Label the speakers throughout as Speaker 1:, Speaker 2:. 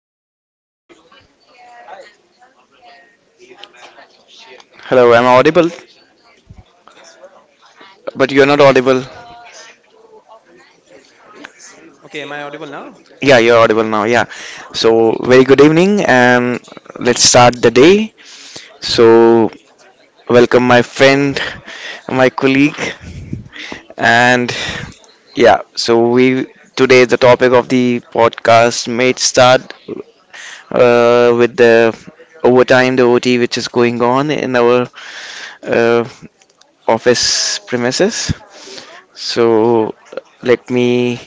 Speaker 1: hello, hello. I'm audible, but you're not audible.
Speaker 2: Okay, am I audible now?
Speaker 1: Yeah, you're audible now. Yeah. So, very good evening, and let's start the day. So, welcome my friend, my colleague, and yeah. So we today the topic of the podcast made start with the overtime, the OT, which is going on in our uh, office premises. So let me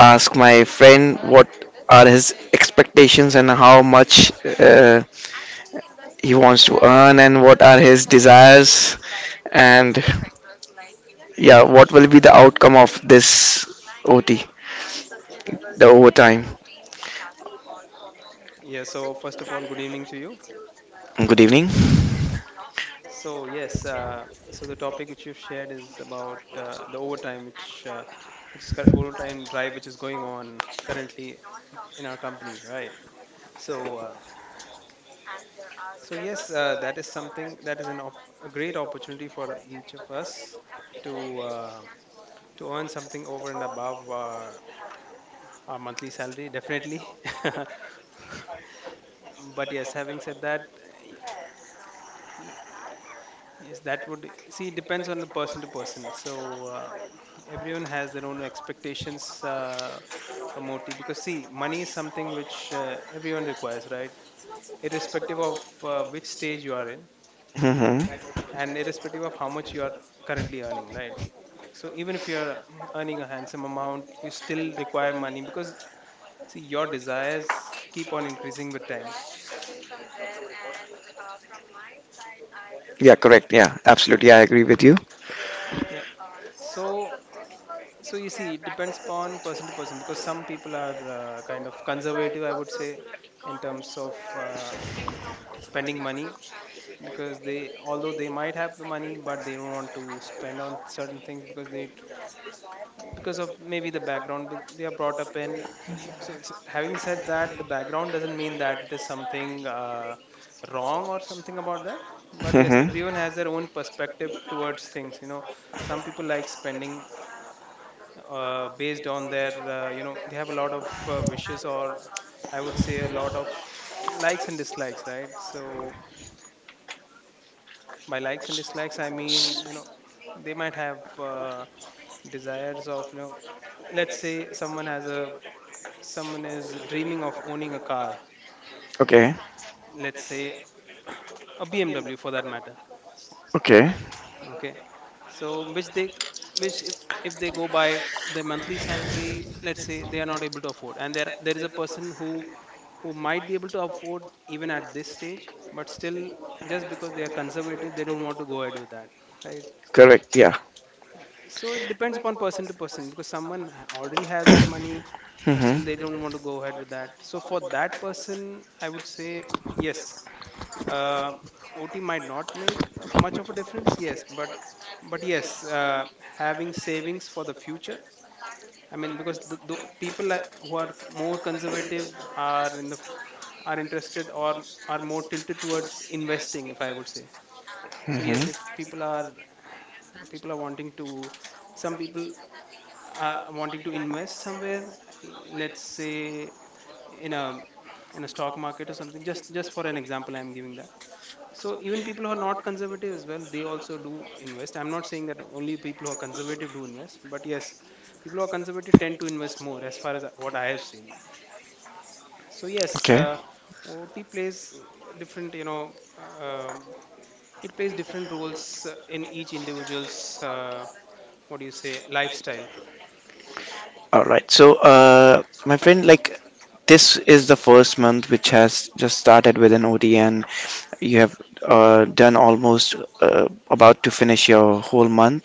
Speaker 1: ask my friend what are his expectations and how much uh, he wants to earn and what are his desires, and yeah, what will be the outcome of this OT, the overtime?
Speaker 2: Yeah, so first of all, good evening to you.
Speaker 1: Good evening.
Speaker 2: So, yes, so the topic which you've shared is about the overtime, overtime drive, which is going on currently in our company, right? So, so yes, that is something that is a great opportunity for each of us to uh, to earn something over and above our monthly salary, definitely. But yes, having said that, yes, that would see it depends on the person to person. So everyone has their own expectations from OT because see, money is something which everyone requires, right? Irrespective of which stage you are in,
Speaker 1: Hmm.
Speaker 2: and irrespective of how much you are currently earning, right? So even if you are earning a handsome amount, you still require money because see your desires keep on increasing with time.
Speaker 1: Yeah, correct. Yeah, absolutely, I agree with you.
Speaker 2: Yeah. So so you see it depends upon person to person because some people are kind of conservative, I would say, in terms of spending money because they although they might have the money, but they don't want to spend on certain things because they because of maybe the background that they are brought up in. So it's, having said that, the background doesn't mean that it is something wrong or something about that, but yes,
Speaker 1: Hmm.
Speaker 2: everyone has their own perspective towards things, you know. Some people like spending, uh, based on their, you know, they have a lot of wishes, or I would say a lot of likes and dislikes, right? So by likes and dislikes I mean, you know, they might have desires of, you know, let's say someone has a someone is dreaming of owning a car,
Speaker 1: Okay.
Speaker 2: let's say a bmw for that matter,
Speaker 1: Okay.
Speaker 2: okay? So which they, which if they go by the monthly salary, let's say they are not able to afford, and there is a person who might be able to afford even at this stage, but still, just because they are conservative, they don't want to go ahead with that, right?
Speaker 1: Correct. Yeah.
Speaker 2: So it depends upon person to person because someone already has that money, but still they
Speaker 1: Hmm.
Speaker 2: don't want to go ahead with that. So for that person I would say yes, uh, OT might not make much of a difference, yes, but yes, having savings for the future. I mean, because the people who are more conservative are in are interested, or are more tilted towards investing, if I would say. So yes, if
Speaker 1: Hmm.
Speaker 2: people are, people are wanting to, some people are wanting to invest somewhere, let's say in a, in a stock market or something. Just for an example, I'm giving that. So even people who are not conservative as well, they also do invest. I'm not saying that only people who are conservative do invest, but yes, people who are conservative tend to invest more, as far as what I have seen. So yes,
Speaker 1: Okay.
Speaker 2: OT plays different, you know, um, it plays different roles in each individual's, what do you say, lifestyle.
Speaker 1: All right. So my friend, like this is the first month which has just started with an OT, and you have done almost about to finish your whole month.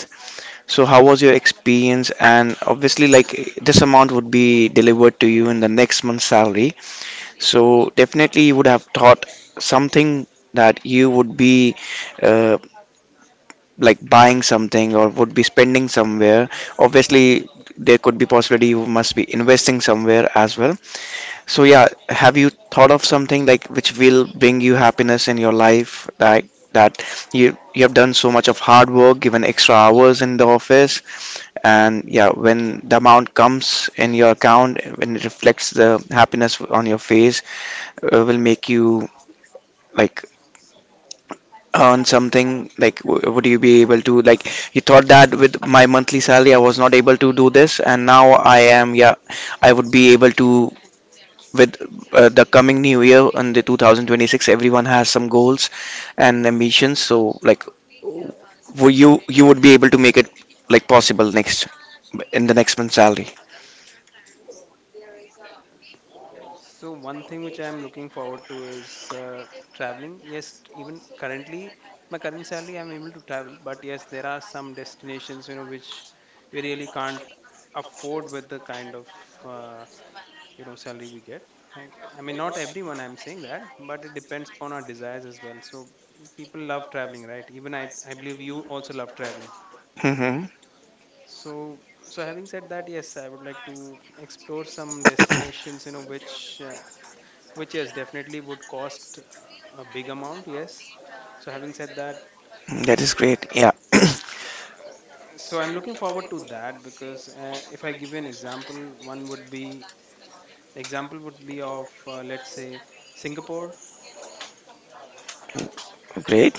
Speaker 1: So, how was your experience? And obviously, like this amount would be delivered to you in the next month's salary. So, definitely, you would have thought something that you would be uh, like buying something or would be spending somewhere. Obviously, there could be possibility you must be investing somewhere as well. So yeah, have you thought of something like which will bring you happiness in your life, like that you have done so much of hard work, given extra hours in the office, and yeah, when the amount comes in your account, when it reflects the happiness on your face, will make you like earn something, like would you be able to, like, you thought that with my monthly salary I was not able to do this, and now I am, yeah, I would be able to with the coming new year and the 2026, everyone has some goals and ambitions. So like, will you would be able to make it like possible next in the next month's salary?
Speaker 2: So one thing which I'm looking forward to is traveling. Yes, even currently, my current salary, I'm able to travel. But yes, there are some destinations, you know, which we really can't afford with the kind of uh, you know salary we get. Right? I mean, not everyone I'm saying that, but it depends upon our desires as well. So people love traveling, right? Even I believe you also love traveling.
Speaker 1: Hmm.
Speaker 2: So, so having said that, yes, I would like to explore some destinations, you know, which yes definitely would cost a big amount, yes. So having said that,
Speaker 1: That is great. Yeah.
Speaker 2: so I'm looking forward to that because, if I give you an example, one would be the example would be of, let's say, Singapore.
Speaker 1: Great.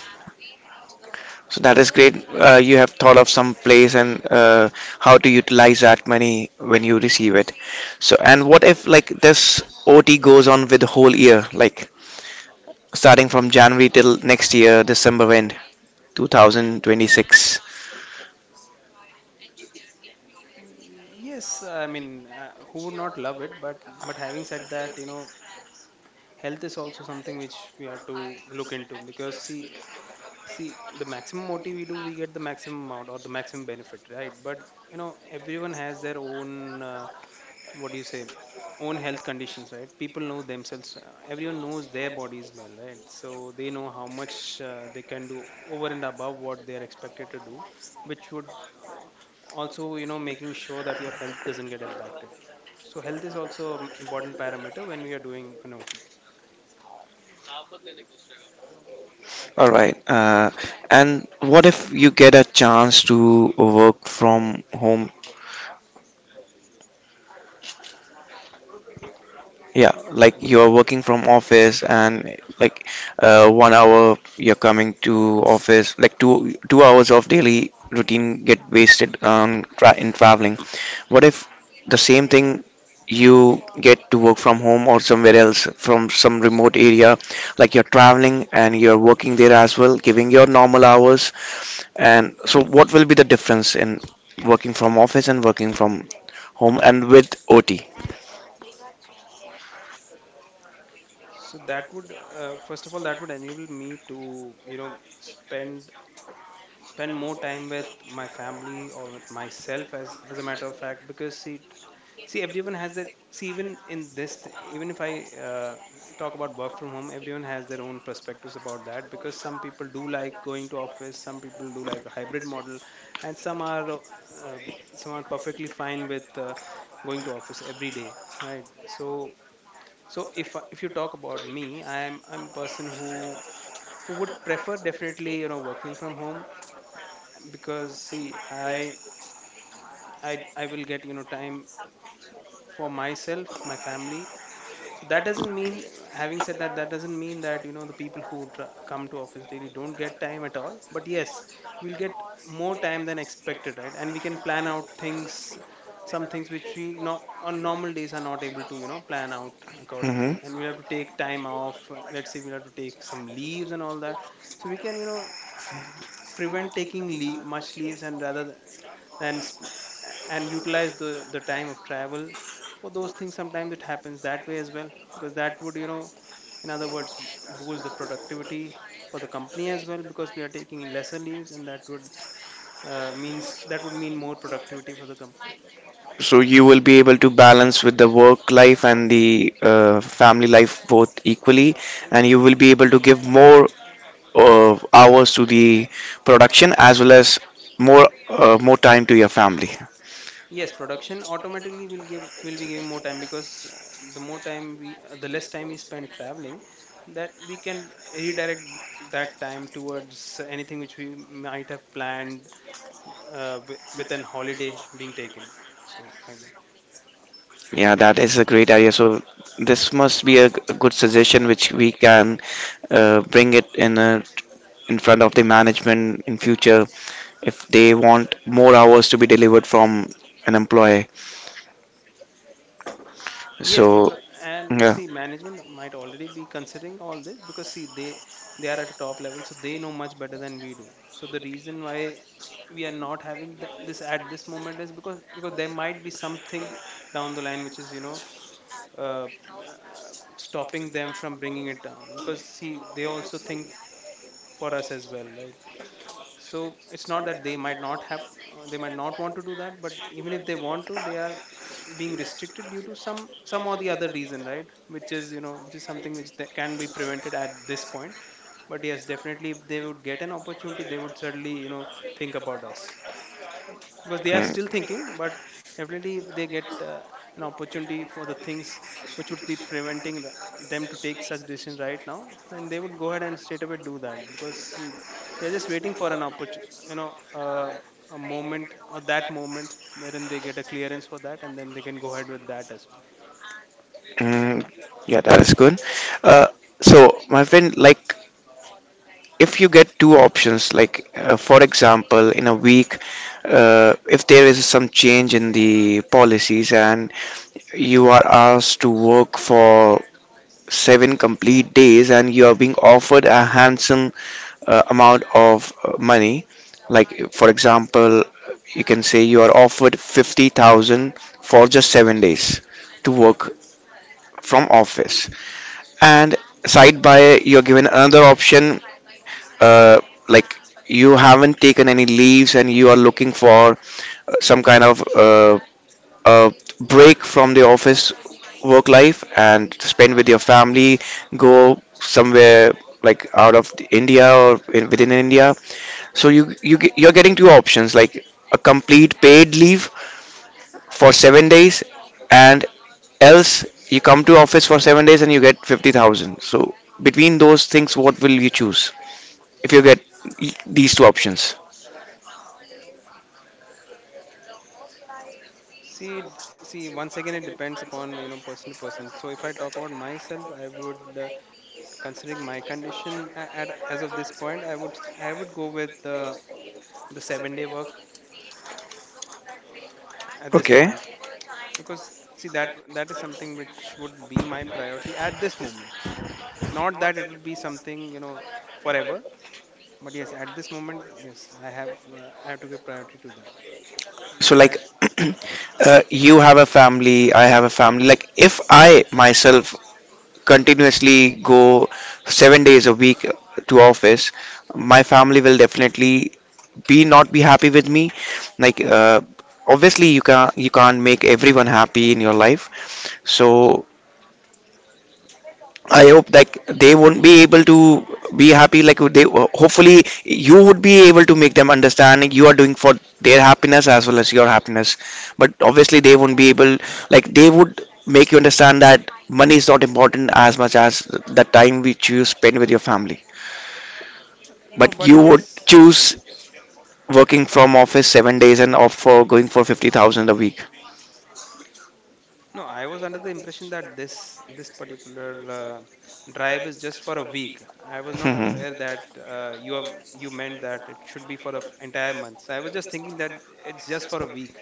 Speaker 1: So that is great. You have thought of some place and how to utilize that money when you receive it. So and what if like this OT goes on with the whole year, like starting from January till next year December end 2026.
Speaker 2: Yes, I mean, who would not love it, but having said that, you know, health is also something which we have to look into because see, see the maximum OT we do, we get the maximum amount or the maximum benefit, right? But you know, everyone has their own, what do you say own health conditions, right? People know themselves, everyone knows their bodies well, right? So they know how much they can do over and above what they are expected to do, which would uh, also, you know, making sure that your health doesn't get impacted. So health is also an important parameter when we are doing an OT.
Speaker 1: All right. And what if you get a chance to work from home? Yeah, like you're working from office and like one hour you're coming to office, like two hours of daily routine get wasted on tra in traveling. What if the same thing you get to work from home or somewhere else from some remote area, like you're traveling and you're working there as well, giving your normal hours. And so what will be the difference in working from office and working from home and with OT?
Speaker 2: So that would, first of all, that would enable me to, you know, spend more time with my family or with myself, as a matter of fact, because see, see everyone has their, see even in even if I, uh, talk about work from home, everyone has their own perspectives about that, because some people do like going to office, some people do like a hybrid model, and um, some are perfectly fine with going to office every day, right? So, so if you talk about me, I'm a person who would prefer definitely, you know, working from home, because see, I will get, you know, time for myself, my family. So that doesn't mean, having said that, that doesn't mean that, you know, the people who come to office daily don't get time at all, but yes, we'll get more time than expected, right, and we can plan out things, some things which we no, on normal days, are not able to, you know, plan out
Speaker 1: Hmm.
Speaker 2: accordingly, and we'll have to take time off, let's say we'll have to take some leaves and all that. So we can, you know, prevent taking much leaves, and rather, and sp- and utilize the time of travel for those things, sometimes it happens that way as well, because that would, you know, in other words, boost the productivity for the company as well, because we are taking lesser leaves, and that would, means that would mean more productivity for the company.
Speaker 1: So you will be able to balance with the work life and the family life both equally, and you will be able to give more hours to the production, as well as more time to your family.
Speaker 2: Yes, production automatically will give, will be giving more time because, the less time we spend traveling, that we can redirect that time towards anything which we might have planned, with an holiday being taken, so like that.
Speaker 1: Yeah, that is a great idea. So this must be a good suggestion which we can bring it in a, in front of the management in future if they want more hours to be delivered from an employee.
Speaker 2: Yes,
Speaker 1: So
Speaker 2: because, and
Speaker 1: yeah.
Speaker 2: see, management might already be considering all this, because see, they are at a top level, so they know much better than we do. So the reason why we are not having this at this moment is because there might be something down the line which is, you know, uh, stopping them from bringing it down, because see, they also think for us as well, right? So it's not that they might not have, they might not want to do that, but even if they want to, they are being restricted due to some or the other reason, right, which is, you know, which is something which that can be prevented at this point. But yes, definitely, if they would get an opportunity, they would certainly, you know, think about us, because they are
Speaker 1: Yeah.
Speaker 2: still thinking. But definitely, if they get an opportunity for the things which would be preventing them to take such decision right now, then they would go ahead and straight away do that, because see, they're just waiting for an opportunity, you know, a moment or that moment wherein they get a clearance for that, and then they can go ahead with that as well.
Speaker 1: Mm, yeah, that is good. Uh, so, my friend, like, if you get two options, like for example, in a week, if there is some change in the policies and you are asked to work for seven complete days, and you are being offered a handsome amount of money, like, for example, you can say you are offered 50,000 for just 7 days to work from office, and side by you're given another option, uh, like you haven't taken any leaves and you are looking for some kind of uh, break from the office work life and spend with your family, go somewhere like out of the India or in, within India. So you're getting two options, like a complete paid leave for 7 days, and else, you come to office for 7 days and you get 50,000. So, between those things, what will you choose if you get these two options?
Speaker 2: see d- See, once again it depends upon, you know, person to person. So if I talk about myself, I would, considering my condition as of this point, I would go with uh, the 7 day work at this
Speaker 1: Okay.
Speaker 2: point, because see, that is something which would be my priority at this moment, not that it would be something, you know, forever, but yes, at this moment, yes, I have to give priority to that
Speaker 1: So,
Speaker 2: because I,
Speaker 1: like, you have a family, I have a family. Like, if I myself
Speaker 2: hmm,
Speaker 1: continuously go 7 days a week to office,
Speaker 2: hmm.
Speaker 1: my family will definitely be not be happy with me. Like, obviously, you can't make everyone happy in your life. So I hope like they won't be able to be happy. Like they hopefully you would be able to make them understand you are doing for their happiness as well as your happiness. But obviously they won't be able, like they would make you understand that money is not important as much as the time which you spend with your family.
Speaker 2: No,
Speaker 1: But
Speaker 2: but
Speaker 1: you
Speaker 2: it
Speaker 1: would
Speaker 2: is,
Speaker 1: choose working from office 7 days and opt for going for 50,000 a week.
Speaker 2: no, I was under the impression that this particular, uh, drive is just for a week. I was not aware that, uh, you are, you meant that it should be for an entire month, so I was just thinking that it's just for a week,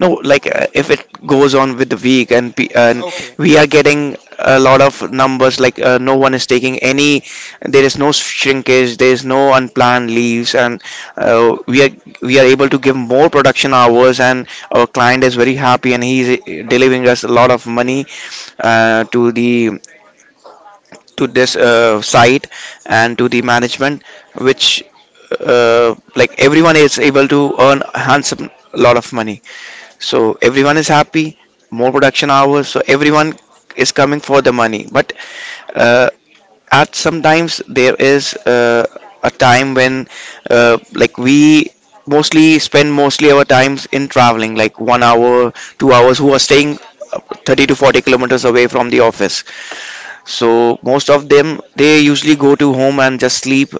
Speaker 1: No, like if it goes on with the week and
Speaker 2: okay.
Speaker 1: we are getting a lot of numbers, like no one is taking any, there is no shrinkage, there is no unplanned leaves, and uh, we are we are able to give more production hours, and our client is very happy, and he is delivering us a lot of money to the to this site and to the management, which like everyone is able to earn a handsome lot of money. So everyone is happy, more production hours, so everyone is coming for the money. But uh, at sometimes there is a time when like we mostly our times in traveling, like one hour, 2 hours, who are staying uh, 30 to 40 kilometers away from the office, so most of them they usually go to home and just sleep,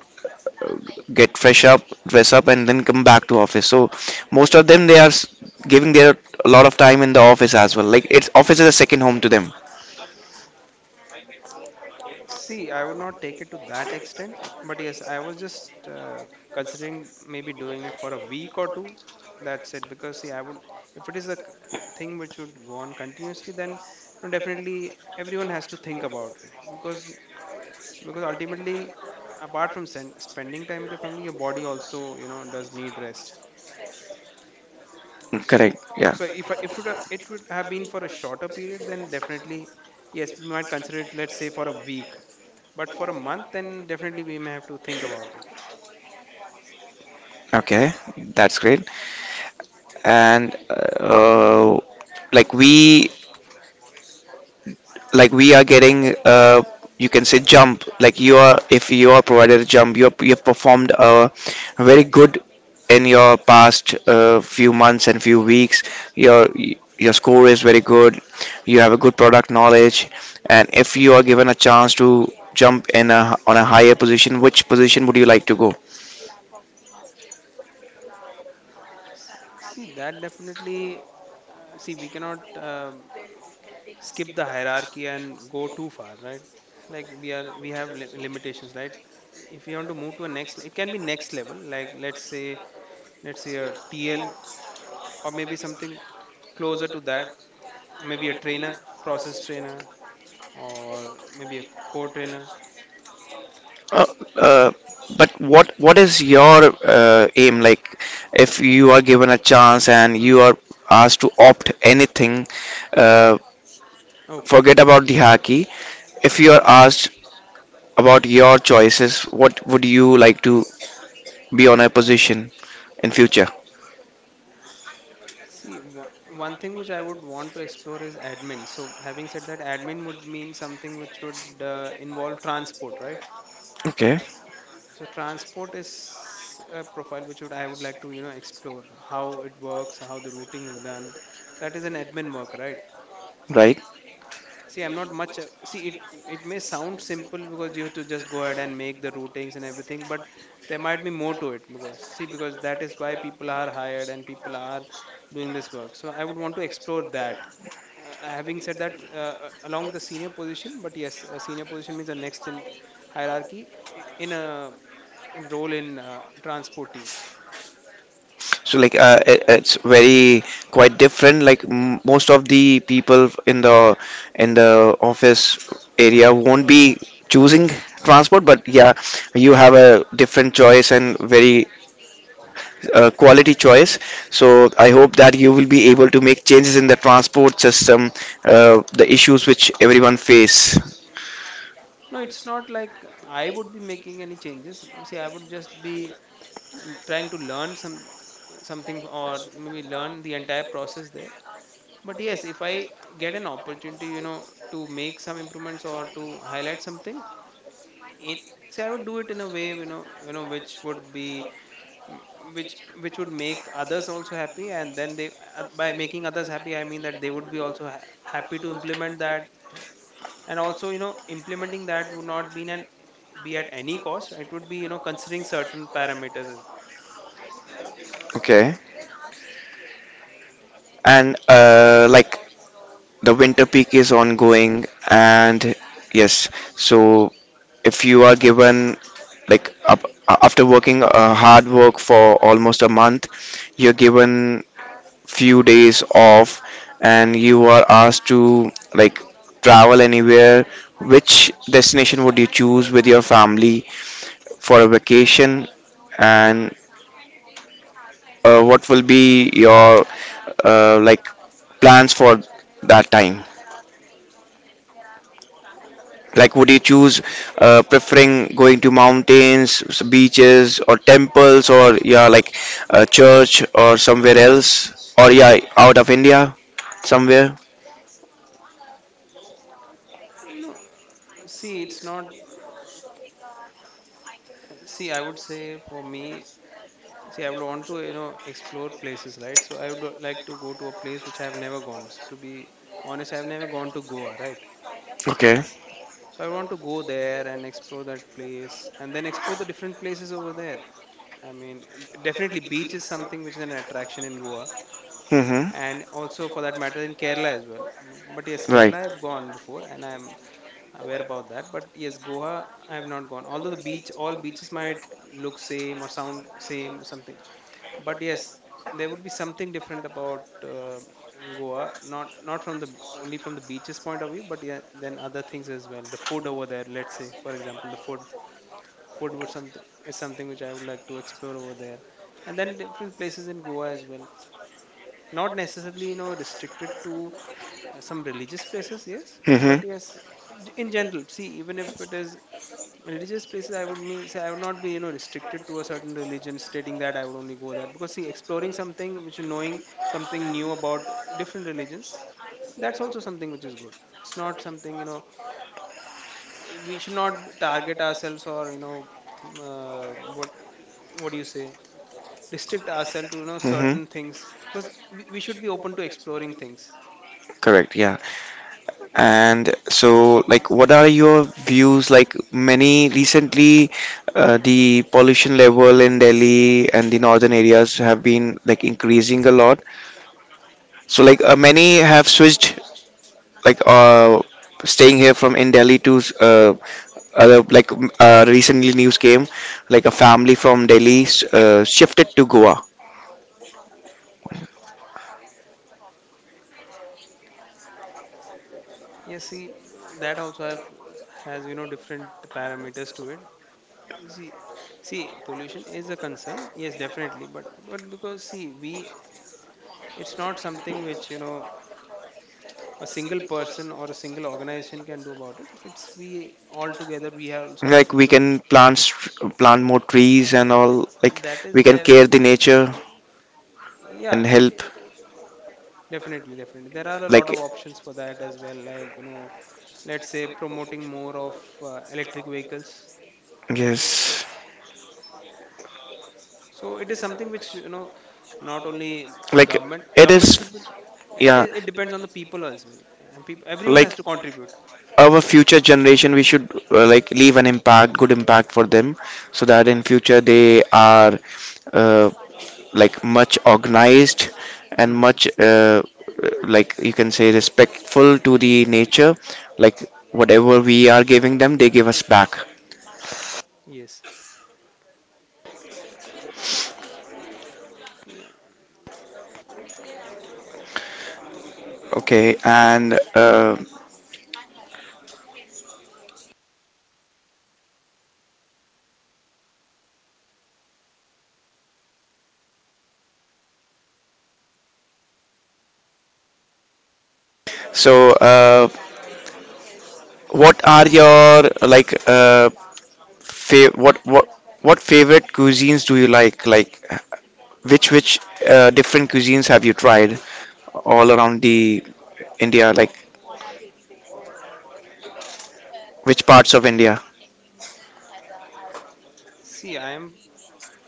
Speaker 1: get fresh up, dress up, and then come back to office. So most of them they are giving their a lot of time in the office as well. Like it's office is a second home to them.
Speaker 2: See, I would not take it to that extent, but yes, I was just considering maybe doing it for a week or two. That's it, because see, I would if it is a c- thing which would go on continuously, then you know, definitely everyone has to think about it because ultimately, apart from spending time with your family, your body also you know does need rest.
Speaker 1: Correct.
Speaker 2: So
Speaker 1: Yeah.
Speaker 2: so if it would have been for a shorter period, then definitely yes, we might consider it. Let's say for a week, but for a month then definitely we may have to think about it.
Speaker 1: Okay. That's great. And uh, like we are getting you can say jump, like you are, if you are provided a jump, you, are, you have performed very good in your past few months and few weeks, your your score is very good, you have a good product knowledge, and if you are given a chance to jump in a, on a higher position, which position would you like to go?
Speaker 2: S- See that definitely see we cannot um, skip the hierarchy and go too far, right? Like we have limitations, right? If you want to move to a next, it can be next level, like let's say a tl, or maybe something closer to that, or maybe a trainer, process trainer, or maybe a core trainer.
Speaker 1: Uh, uh, but what is your aim? Like, if you are given a chance and
Speaker 2: Hmm.
Speaker 1: you are asked to opt anything, uh,
Speaker 2: Okay,
Speaker 1: forget about the haki. If you are asked about your choices, what would you like to be on a position in future?
Speaker 2: see, one thing which I would want to explore is admin. So, having said that, admin would mean something which would involve transport, right?
Speaker 1: Okay,
Speaker 2: So, transport is a profile which would I would like to, you know, explore how it works, how the routing is done. That is an admin work, right?
Speaker 1: right.
Speaker 2: See I'm not much see it may sound simple because you have to just go ahead and make the routings and everything, but there might be more to it, because see because that is why people are hired and people are doing this work, so I would want to explore that. Having said that, along with the senior position, but yes a senior position means a next in hierarchy, i- in a in a role in transport team.
Speaker 1: So like it's very quite different. Like most of the people in the office area won't be choosing transport, but yeah, you have a different choice and very quality choice. So I hope that you will be able to make changes in the transport system, the issues which everyone face.
Speaker 2: No it's not like I would be making any changes, see I would just be trying to learn some something or maybe learn the entire process there. But yes, if I get an opportunity, you know, to make some improvements or to highlight something in, say, I would do it in a way, you know, which would be mm, which would make others also happy, and then they by making others happy I mean that they would be also happy to implement that. And also, you know, implementing that would not be an, be at any cost, it would be, you know, considering certain parameters as well.
Speaker 1: Okay, and like the winter peak is ongoing, and yes, so if you are given, like up, after working hard work for almost a month, you're given few days off, and you are asked to like travel anywhere. Which destination would you choose with your family for a vacation, and what will be your like plans for that time? Like, would you choose preferring going to mountains, beaches, or temples, or yeah, like a church or somewhere else, or yeah, out of India somewhere?
Speaker 2: See it's not. See, I would say for me, see, I would want to, you know, explore places, right? So I would like to go to a place which I have never gone. To be honest, I have never gone to Goa, right?
Speaker 1: Okay.
Speaker 2: So I want to go there and explore that place and then explore the different places over there. I mean, definitely beach is something which is an attraction in Goa,
Speaker 1: Mm-hmm.
Speaker 2: and also for that matter in Kerala as well. But yes, Kerala
Speaker 1: Right.
Speaker 2: I have gone before and I'm aware about that. But yes, Goa I have not gone. Although the beach, all beaches might look same or sound same, something, but yes there would be something different about Goa, not from the, only from the beaches point of view, but yeah then other things as well, the food over there, let's say for example the food would something is something which I would like to explore over there. And then different places in Goa as well, not necessarily, you know, restricted to some religious places, yes. But
Speaker 1: Mm-hmm.
Speaker 2: yes, in general, see even if it is religious places, I would mean, say, I would not be, you know, restricted to a certain religion stating that I would only go there, because see exploring something which, knowing something new about different religions, that's also something which is good. It's not something, you know, we should not target ourselves or, you know, mm, uh, what what do you say, restrict ourselves to, you know,
Speaker 1: Mm-hmm.
Speaker 2: certain things, because we should be open to exploring things.
Speaker 1: Correct. Yeah. And so, like, what are your views? Like, many recently, the pollution level in Delhi and the northern areas have been like increasing a lot. So, like, many have switched like staying here from in Delhi to other, like recently news came like a family from Delhi shifted to Goa.
Speaker 2: Yes, see that also have, has you know different parameters to it. See, see, pollution is a concern. Yes, definitely. But because see, we, it's not something which you know a single person or a single organization can do about it. It's we all together. We have- also have
Speaker 1: Like
Speaker 2: to you
Speaker 1: we
Speaker 2: know,
Speaker 1: can plant plant more trees and all, like
Speaker 2: that is
Speaker 1: we can
Speaker 2: there.
Speaker 1: care the nature
Speaker 2: Yeah,
Speaker 1: and help,
Speaker 2: definitely, definitely. There are a lot
Speaker 1: like
Speaker 2: of options for that as well. Like you know, let's say promoting more of electric vehicles.
Speaker 1: yes,
Speaker 2: So it is something which you know, not only a
Speaker 1: like
Speaker 2: government
Speaker 1: it
Speaker 2: government should be.
Speaker 1: is.
Speaker 2: It
Speaker 1: Yeah,
Speaker 2: is. It depends on the people as well, and people everyone has
Speaker 1: like
Speaker 2: to contribute.
Speaker 1: our future generation, we should like leave an impact, good impact for them, so that
Speaker 2: Yeah.
Speaker 1: in future they are uh, like much organized, and
Speaker 2: Hmm.
Speaker 1: much like you can say respectful to the nature, like whatever we are giving them they give us back.
Speaker 2: Yes.
Speaker 1: Okay. And so what are your like fa- what what what favorite cuisines do you like? Like which different cuisines have you tried all around the India? Like which parts of India?
Speaker 2: See, I am.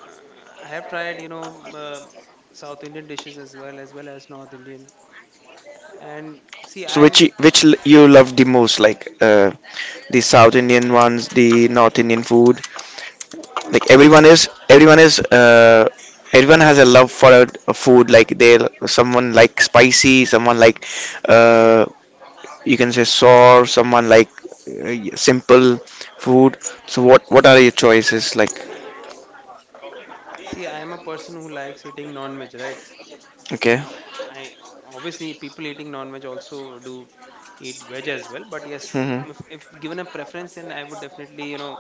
Speaker 2: Uh, I have tried, you know, um, South Indian dishes as well, as well as North Indian. And see,
Speaker 1: So which
Speaker 2: I'm.
Speaker 1: you love the most, like the South Indian ones, the North Indian food? Like
Speaker 2: So it's.
Speaker 1: everyone has a love for a food. Like they, someone like spicy, someone like,
Speaker 2: Mhm.
Speaker 1: uh, you can say sour, someone like simple food. So what are your choices? Like,
Speaker 2: See, I am a person who likes eating non-veg, right?
Speaker 1: okay.
Speaker 2: Uh, I, obviously people eating non-veg also do eat veg as well. But yes,
Speaker 1: Hmm.
Speaker 2: if given a preference, then I would definitely you know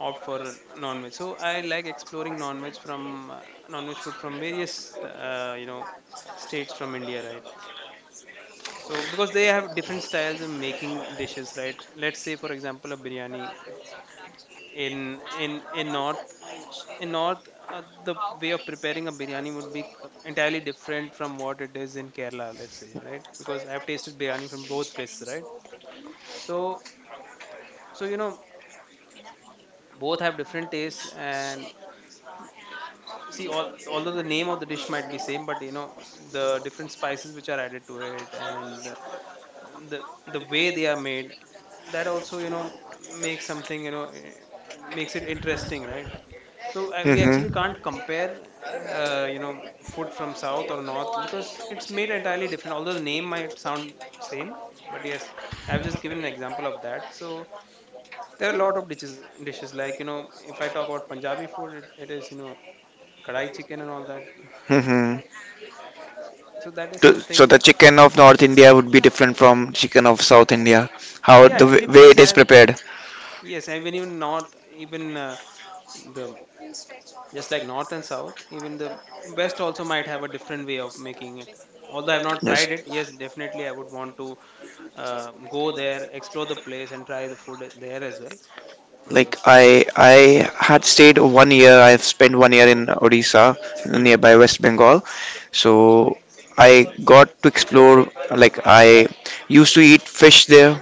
Speaker 2: opt for a non-veg. So I like exploring non-veg from non-veg food from various you know states from India, right? So because they have different styles of making dishes, right? Let's say for example a biryani in in in north in north the way of preparing a biryani would be entirely different from what it is in Kerala, let's say, right? Because I have tasted biryani from both places, right? So so you know both have different tastes. And see all, although the name of the dish might be same, but you know the different spices which are added to it, and the, the way they are made, that also you know makes something, you know, makes it interesting, right? So we actually
Speaker 1: Hmm.
Speaker 2: can't compare, you know, food from south or north because it's made entirely different. Although the name might sound same, but yes, I've just given an example of that. So there are a lot of dishes like you know, if I talk about Punjabi food, it is you know, kadai chicken and all that.
Speaker 1: Hmm.
Speaker 2: So that is
Speaker 1: So so
Speaker 2: something.
Speaker 1: the chicken of North India would be different from chicken of South India. How
Speaker 2: Yeah,
Speaker 1: the
Speaker 2: every
Speaker 1: way
Speaker 2: place
Speaker 1: it is
Speaker 2: has,
Speaker 1: prepared.
Speaker 2: yes, even even north, even the, just like north and south, even the west also might have a different way of making it. Although I've not tried it,
Speaker 1: Yes.
Speaker 2: yes, definitely I would want to go there, explore the place, and try the food there as well. But
Speaker 1: Like
Speaker 2: yes,
Speaker 1: I had stayed one year. I've spent one year in Odisha,
Speaker 2: mhm.
Speaker 1: nearby West Bengal. So I got to explore. Like I used to eat fish there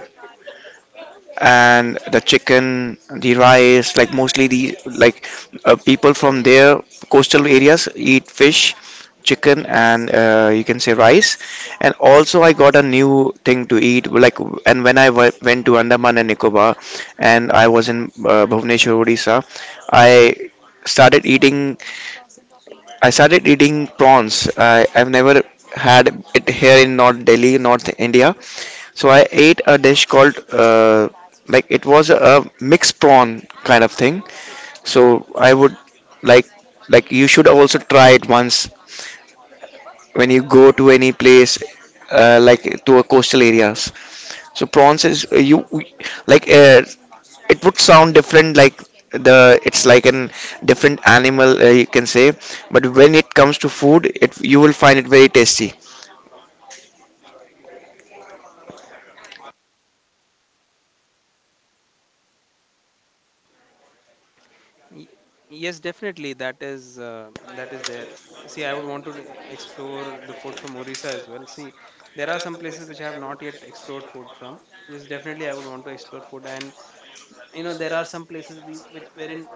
Speaker 1: and the chicken, the rice, like mostly the like people from their coastal areas eat fish, chicken, and you can say rice. And also, I got a new thing to eat. Like, and when I went to Andaman and Nicobar, and I was in Bhubaneswar, Odisha, I started eating I started eating prawns. I've never had it here in North Delhi, North India. So I ate a dish called, like it was a mixed prawn kind of thing. So I would like, like you should also try it once when you go to any place, like to a coastal areas. So prawns is you like it would sound different, like the it's like an different animal you can say, but when it comes to food it you will find it very tasty.
Speaker 2: Y- yes, definitely that is there. See, I would want to explore the food from Orissa as well. See, there are some places which I have not yet explored food from. Yes, definitely I would want to explore food, and you know there are some places we, which wherein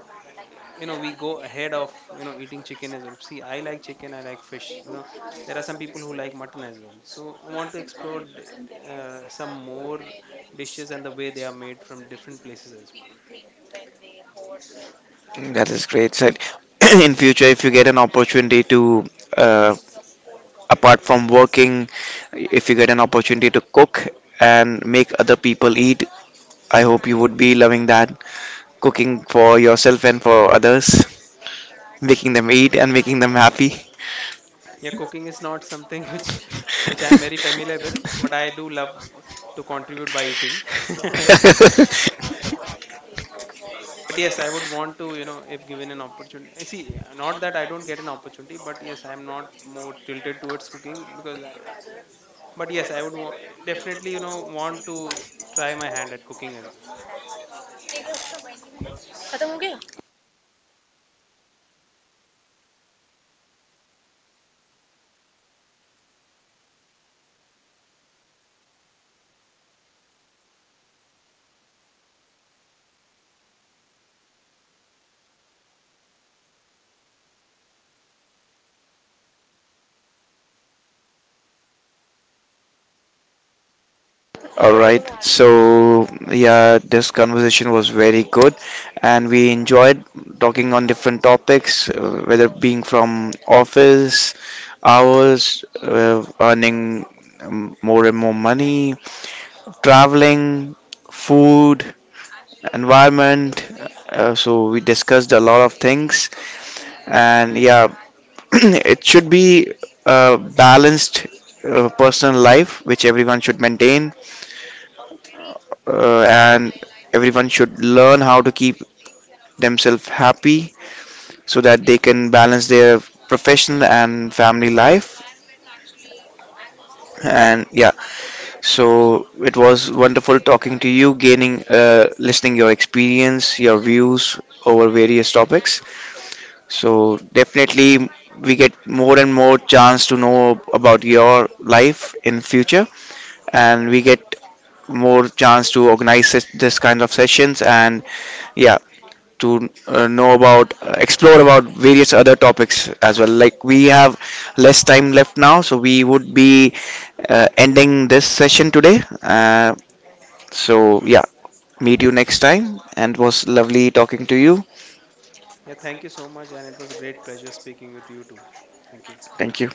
Speaker 2: you know we go ahead of you know eating chicken as well. See I like chicken, I like fish, you know, there are some people who like mutton as well, so I want to explore some more dishes and the way they are made from different places as well.
Speaker 1: That is great. So in future if you get an opportunity to uh, apart from working, if you get an opportunity to cook and make other people eat, I hope you would be loving that, cooking for yourself and for others, making them eat and making them happy.
Speaker 2: Yeah, cooking is not something which I'm very familiar with, but I do love to contribute by eating but yes, I would want to you know if given an opportunity, I see not that I don't get an opportunity but yes I am not more tilted towards cooking because I, but yes, I would definitely, you know, want to try my hand at cooking as well.
Speaker 1: All right. So, yeah, this conversation was very good, and we enjoyed talking on different topics, whether being from office hours, earning more and more money, traveling, food, environment. So we discussed a lot of things, and yeah, it should be a balanced personal life which everyone should maintain, and everyone should learn how to keep themselves happy so that they can balance their professional and family life, and yeah, so it was wonderful talking to you, gaining listening your experience, your views over various topics. So definitely we get more and more chance to know about your life in future, and we get more chance to organize this kind of sessions, and yeah, to know about, explore about various other topics as well. Like we have less time left now, so we would be ending this session today. So yeah, meet you next time, and it was lovely talking to you.
Speaker 2: Yeah, thank you so much, and it was a great pleasure speaking with you too. Thank you.
Speaker 1: Thank you.